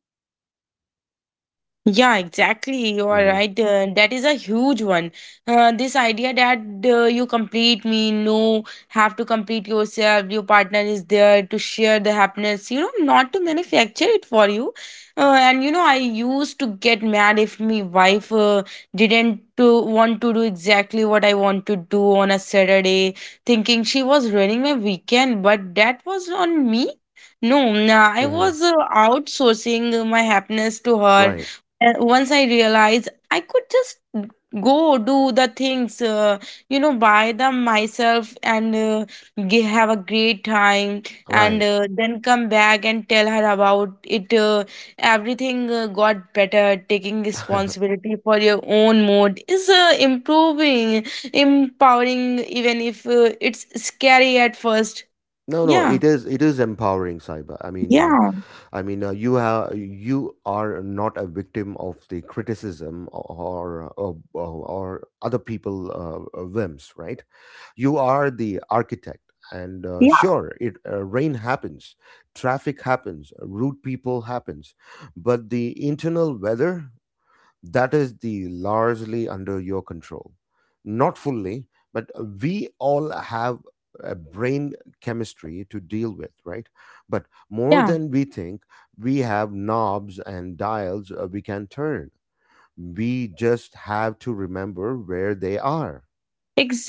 Speaker 2: Yeah, exactly. You are
Speaker 1: Mm-hmm.
Speaker 2: right. Uh, that is a huge one. Uh, this idea that uh, you complete me, no, have to complete yourself. Your partner is there to share the happiness, you know, not to manufacture it for you. Uh, and you know, I used to get mad if my wife uh, didn't to want to do exactly what I want to do on a Saturday, thinking she was ruining my weekend. But that was on me. No, nah, I was
Speaker 1: Mm-hmm.
Speaker 2: uh, outsourcing my happiness to her,
Speaker 1: Right.
Speaker 2: and once I realized I could just go do the things, uh, you know, buy them myself and uh, g- have a great time, and
Speaker 1: Right.
Speaker 2: uh, then come back and tell her about it. Uh, everything uh, got better. Taking responsibility for your own mood is uh, improving, empowering, even if uh, it's scary at first.
Speaker 1: No, no,
Speaker 2: Yeah,
Speaker 1: it is it is empowering, Saiba. I mean, uh,
Speaker 2: yeah,
Speaker 1: I mean, uh, you have you are not a victim of the criticism, or or, or other people uh, uh, whims, right? You are the architect, and uh,
Speaker 2: yeah.
Speaker 1: sure, it uh, rain happens, traffic happens, rude people happens, but the internal weather, that is the largely under your control, not fully, but we all have a brain chemistry to deal with, right? But more
Speaker 2: Yeah.
Speaker 1: than we think, we have knobs and dials uh, we can turn. We just have to remember where they are.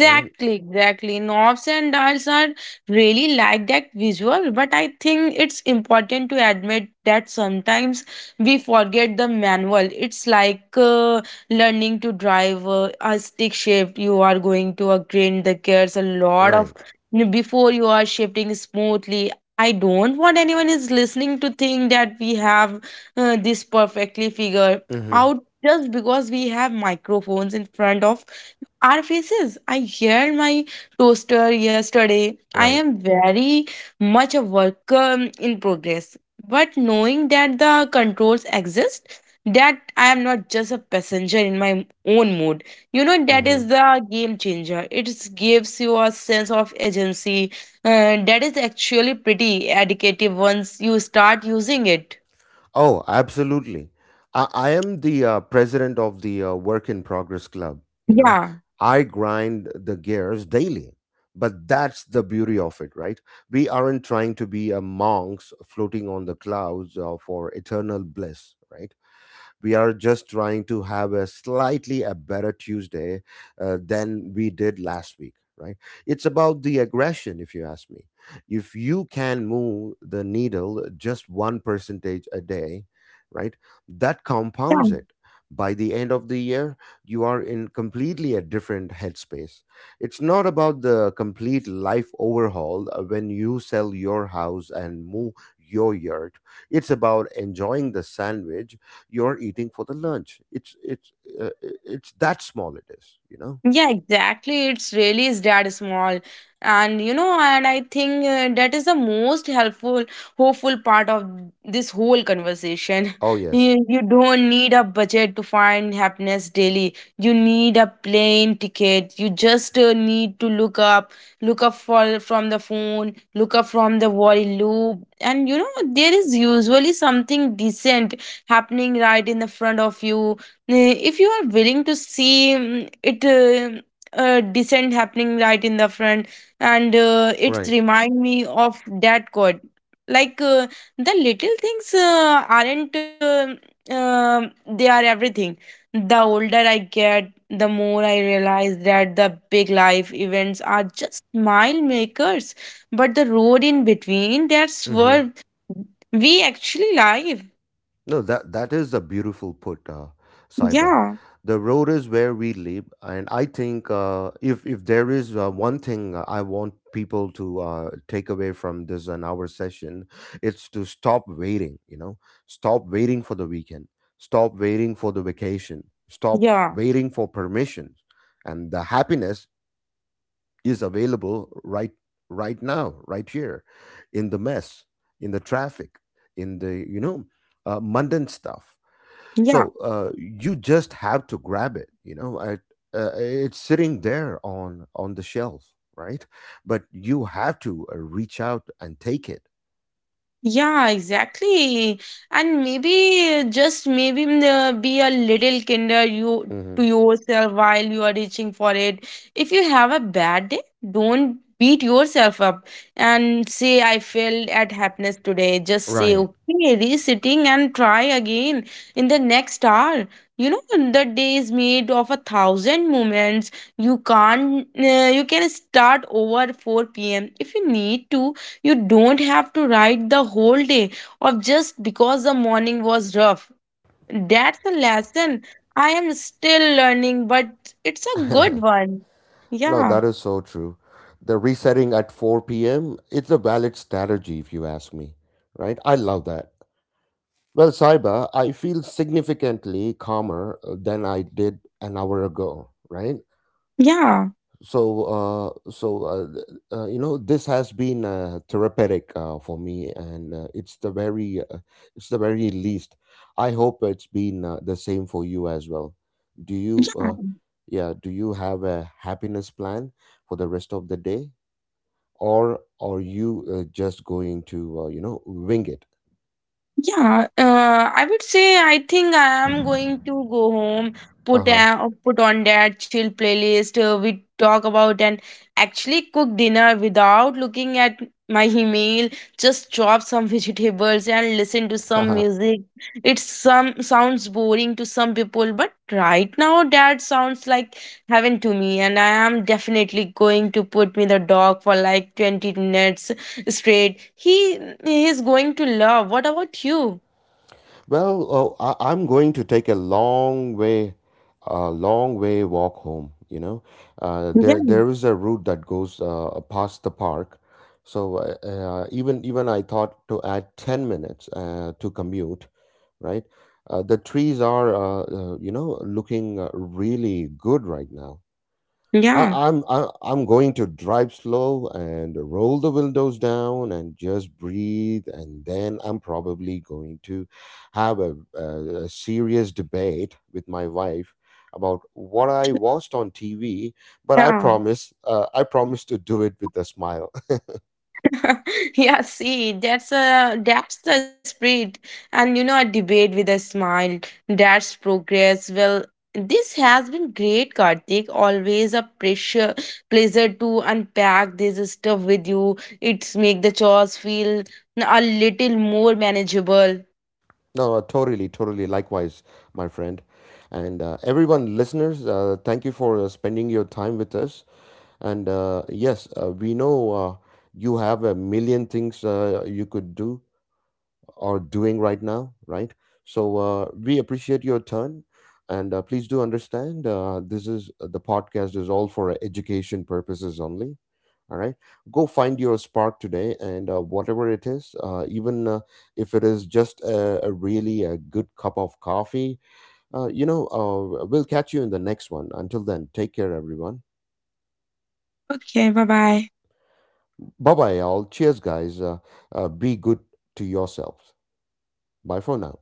Speaker 1: Right.
Speaker 2: exactly. Knobs and dials are really like that visual, but I think it's important to admit that sometimes we forget the manual. It's like uh, learning to drive uh, a stick shift. You are going to a grind. The gears a lot of
Speaker 1: Right.
Speaker 2: before you are shifting smoothly. I don't want anyone is listening to think that we have uh, this perfectly figured
Speaker 1: Hmm.
Speaker 2: out just because we have microphones in front of our faces. I heard my toaster yesterday. I
Speaker 1: Right.
Speaker 2: am very much a worker in progress. But knowing that the controls exist, that I am not just a passenger in my own mood, you know, that
Speaker 1: Hmm.
Speaker 2: is the game changer. It gives you a sense of agency uh, that is actually pretty addictive once you start using it.
Speaker 1: Oh, absolutely. I, I am the uh, president of the uh, Work in Progress Club. You know,
Speaker 2: Yeah.
Speaker 1: I grind the gears daily, but that's the beauty of it, right? We aren't trying to be a monks floating on the clouds uh, for eternal bliss, right? We are just trying to have a slightly a better Tuesday uh, than we did last week, right? It's about the aggression, if you ask me. If you can move the needle just one percentage a day, right? That compounds it. By the end of the year, you are in completely a different headspace. It's not about the complete life overhaul uh, when you sell your house and move your yurt. It's about enjoying the sandwich you're eating for the lunch. It's it's uh, it's that small. It is, you know.
Speaker 2: Yeah, exactly. It's really is that small. And you know, and I think uh, that is the most helpful, hopeful part of this whole conversation.
Speaker 1: Oh yes,
Speaker 2: You, you don't need a budget to find happiness daily. You need a plane ticket. You just uh, need to look up, look up for, from the phone, look up from the worry loop. And you know, there is usually something decent happening right in the front of you uh, if you are willing to see mm, it uh, uh, descent happening right in the front, and uh, it's
Speaker 1: right.
Speaker 2: remind me of that quote like uh, the little things uh, aren't uh, um they are everything. The older I get, the more I realize that the big life events are just mile makers, but the road in between, that's
Speaker 1: Hmm.
Speaker 2: where we actually live.
Speaker 1: No, that that is a beautiful put, uh, Saiba.
Speaker 2: Yeah.
Speaker 1: The road is where we live, and I think uh, if if there is uh, one thing I want people to uh, take away from this an hour session, it's to stop waiting. You know, stop waiting for the weekend, stop waiting for the vacation, stop
Speaker 2: Yeah.
Speaker 1: waiting for permission, and the happiness is available, right, right now, right here, in the mess, in the traffic, in the you know uh, mundane stuff.
Speaker 2: Yeah.
Speaker 1: So uh, you just have to grab it, you know, I, uh, it's sitting there on on the shelf, right? But you have to uh, reach out and take it.
Speaker 2: Yeah, exactly. And maybe, just maybe, mm, uh, be a little kinder you to
Speaker 1: Hmm.
Speaker 2: yourself while you are reaching for it. If you have a bad day, don't beat yourself up and say, I failed at happiness today. Just say,
Speaker 1: Right.
Speaker 2: okay, resitting and try again in the next hour. You know, the day is made of a thousand moments. You can't, uh, you can start over four p m if you need to. You don't have to write the whole day of just because the morning was rough. That's a lesson I am still learning, but it's a good one.
Speaker 1: No,
Speaker 2: Yeah,
Speaker 1: that is so true. The resetting at four p m p.m., it's a valid strategy, if you ask me, right? I love that. Well, Saiba, I feel significantly calmer uh, than I did an hour ago, right?
Speaker 2: yeah,
Speaker 1: So, uh, so uh, th- uh, you know, this has been uh, therapeutic uh, for me, and uh, it's the very, uh, it's the very least. I hope it's been uh, the same for you as well. Do you,
Speaker 2: yeah.
Speaker 1: uh, yeah, do you have a happiness plan for the rest of the day, or are you uh, just going to, uh, you know, wing it?
Speaker 2: Yeah, uh, I would say I think I am going to go home,
Speaker 1: Uh
Speaker 2: put a,
Speaker 1: huh.
Speaker 2: uh, put on that chill playlist. Uh, we talk about and actually cook dinner without looking at my email. Just chop some vegetables and listen to some music. It some sounds boring to some people, but right now that sounds like heaven to me. And I am definitely going to put me the dog for like twenty minutes straight. He is going to love. What about you?
Speaker 1: Well, oh, I, I'm going to take a long way, a long way walk home. You know, uh,
Speaker 2: Yeah.
Speaker 1: there there is a route that goes uh, past the park, so uh, uh, even even I thought to add ten minutes uh, to commute. Right, uh, the trees are uh, uh, you know looking uh, really good right now.
Speaker 2: Yeah.
Speaker 1: I, I'm I, I'm going to drive slow and roll the windows down and just breathe, and then I'm probably going to have a, a, a serious debate with my wife about what I watched on T V. But I
Speaker 2: Yeah.
Speaker 1: promise, uh, I promise to do it with a smile.
Speaker 2: Yeah, see, that's a that's the spirit. And you know, a debate with a smile, that's progress. Well, this has been great, Karthik. Always a pressure, pleasure to unpack this stuff with you. It's make the chores feel a little more manageable.
Speaker 1: No, totally, totally. Likewise, my friend, and uh, everyone, listeners, uh, thank you for uh, spending your time with us. And uh, yes, uh, we know uh, you have a million things uh, you could do or doing right now, right? So uh, we appreciate your turn. And uh, please do understand uh, this is uh, the podcast is all for education purposes only. All right. Go find your spark today, and uh, whatever it is, uh, even uh, if it is just a, a really a good cup of coffee, uh, you know, uh, we'll catch you in the next one. Until then, take care, everyone.
Speaker 2: Okay. Bye bye.
Speaker 1: Bye bye, all. Cheers, guys. Uh, uh, be good to yourselves. Bye for now.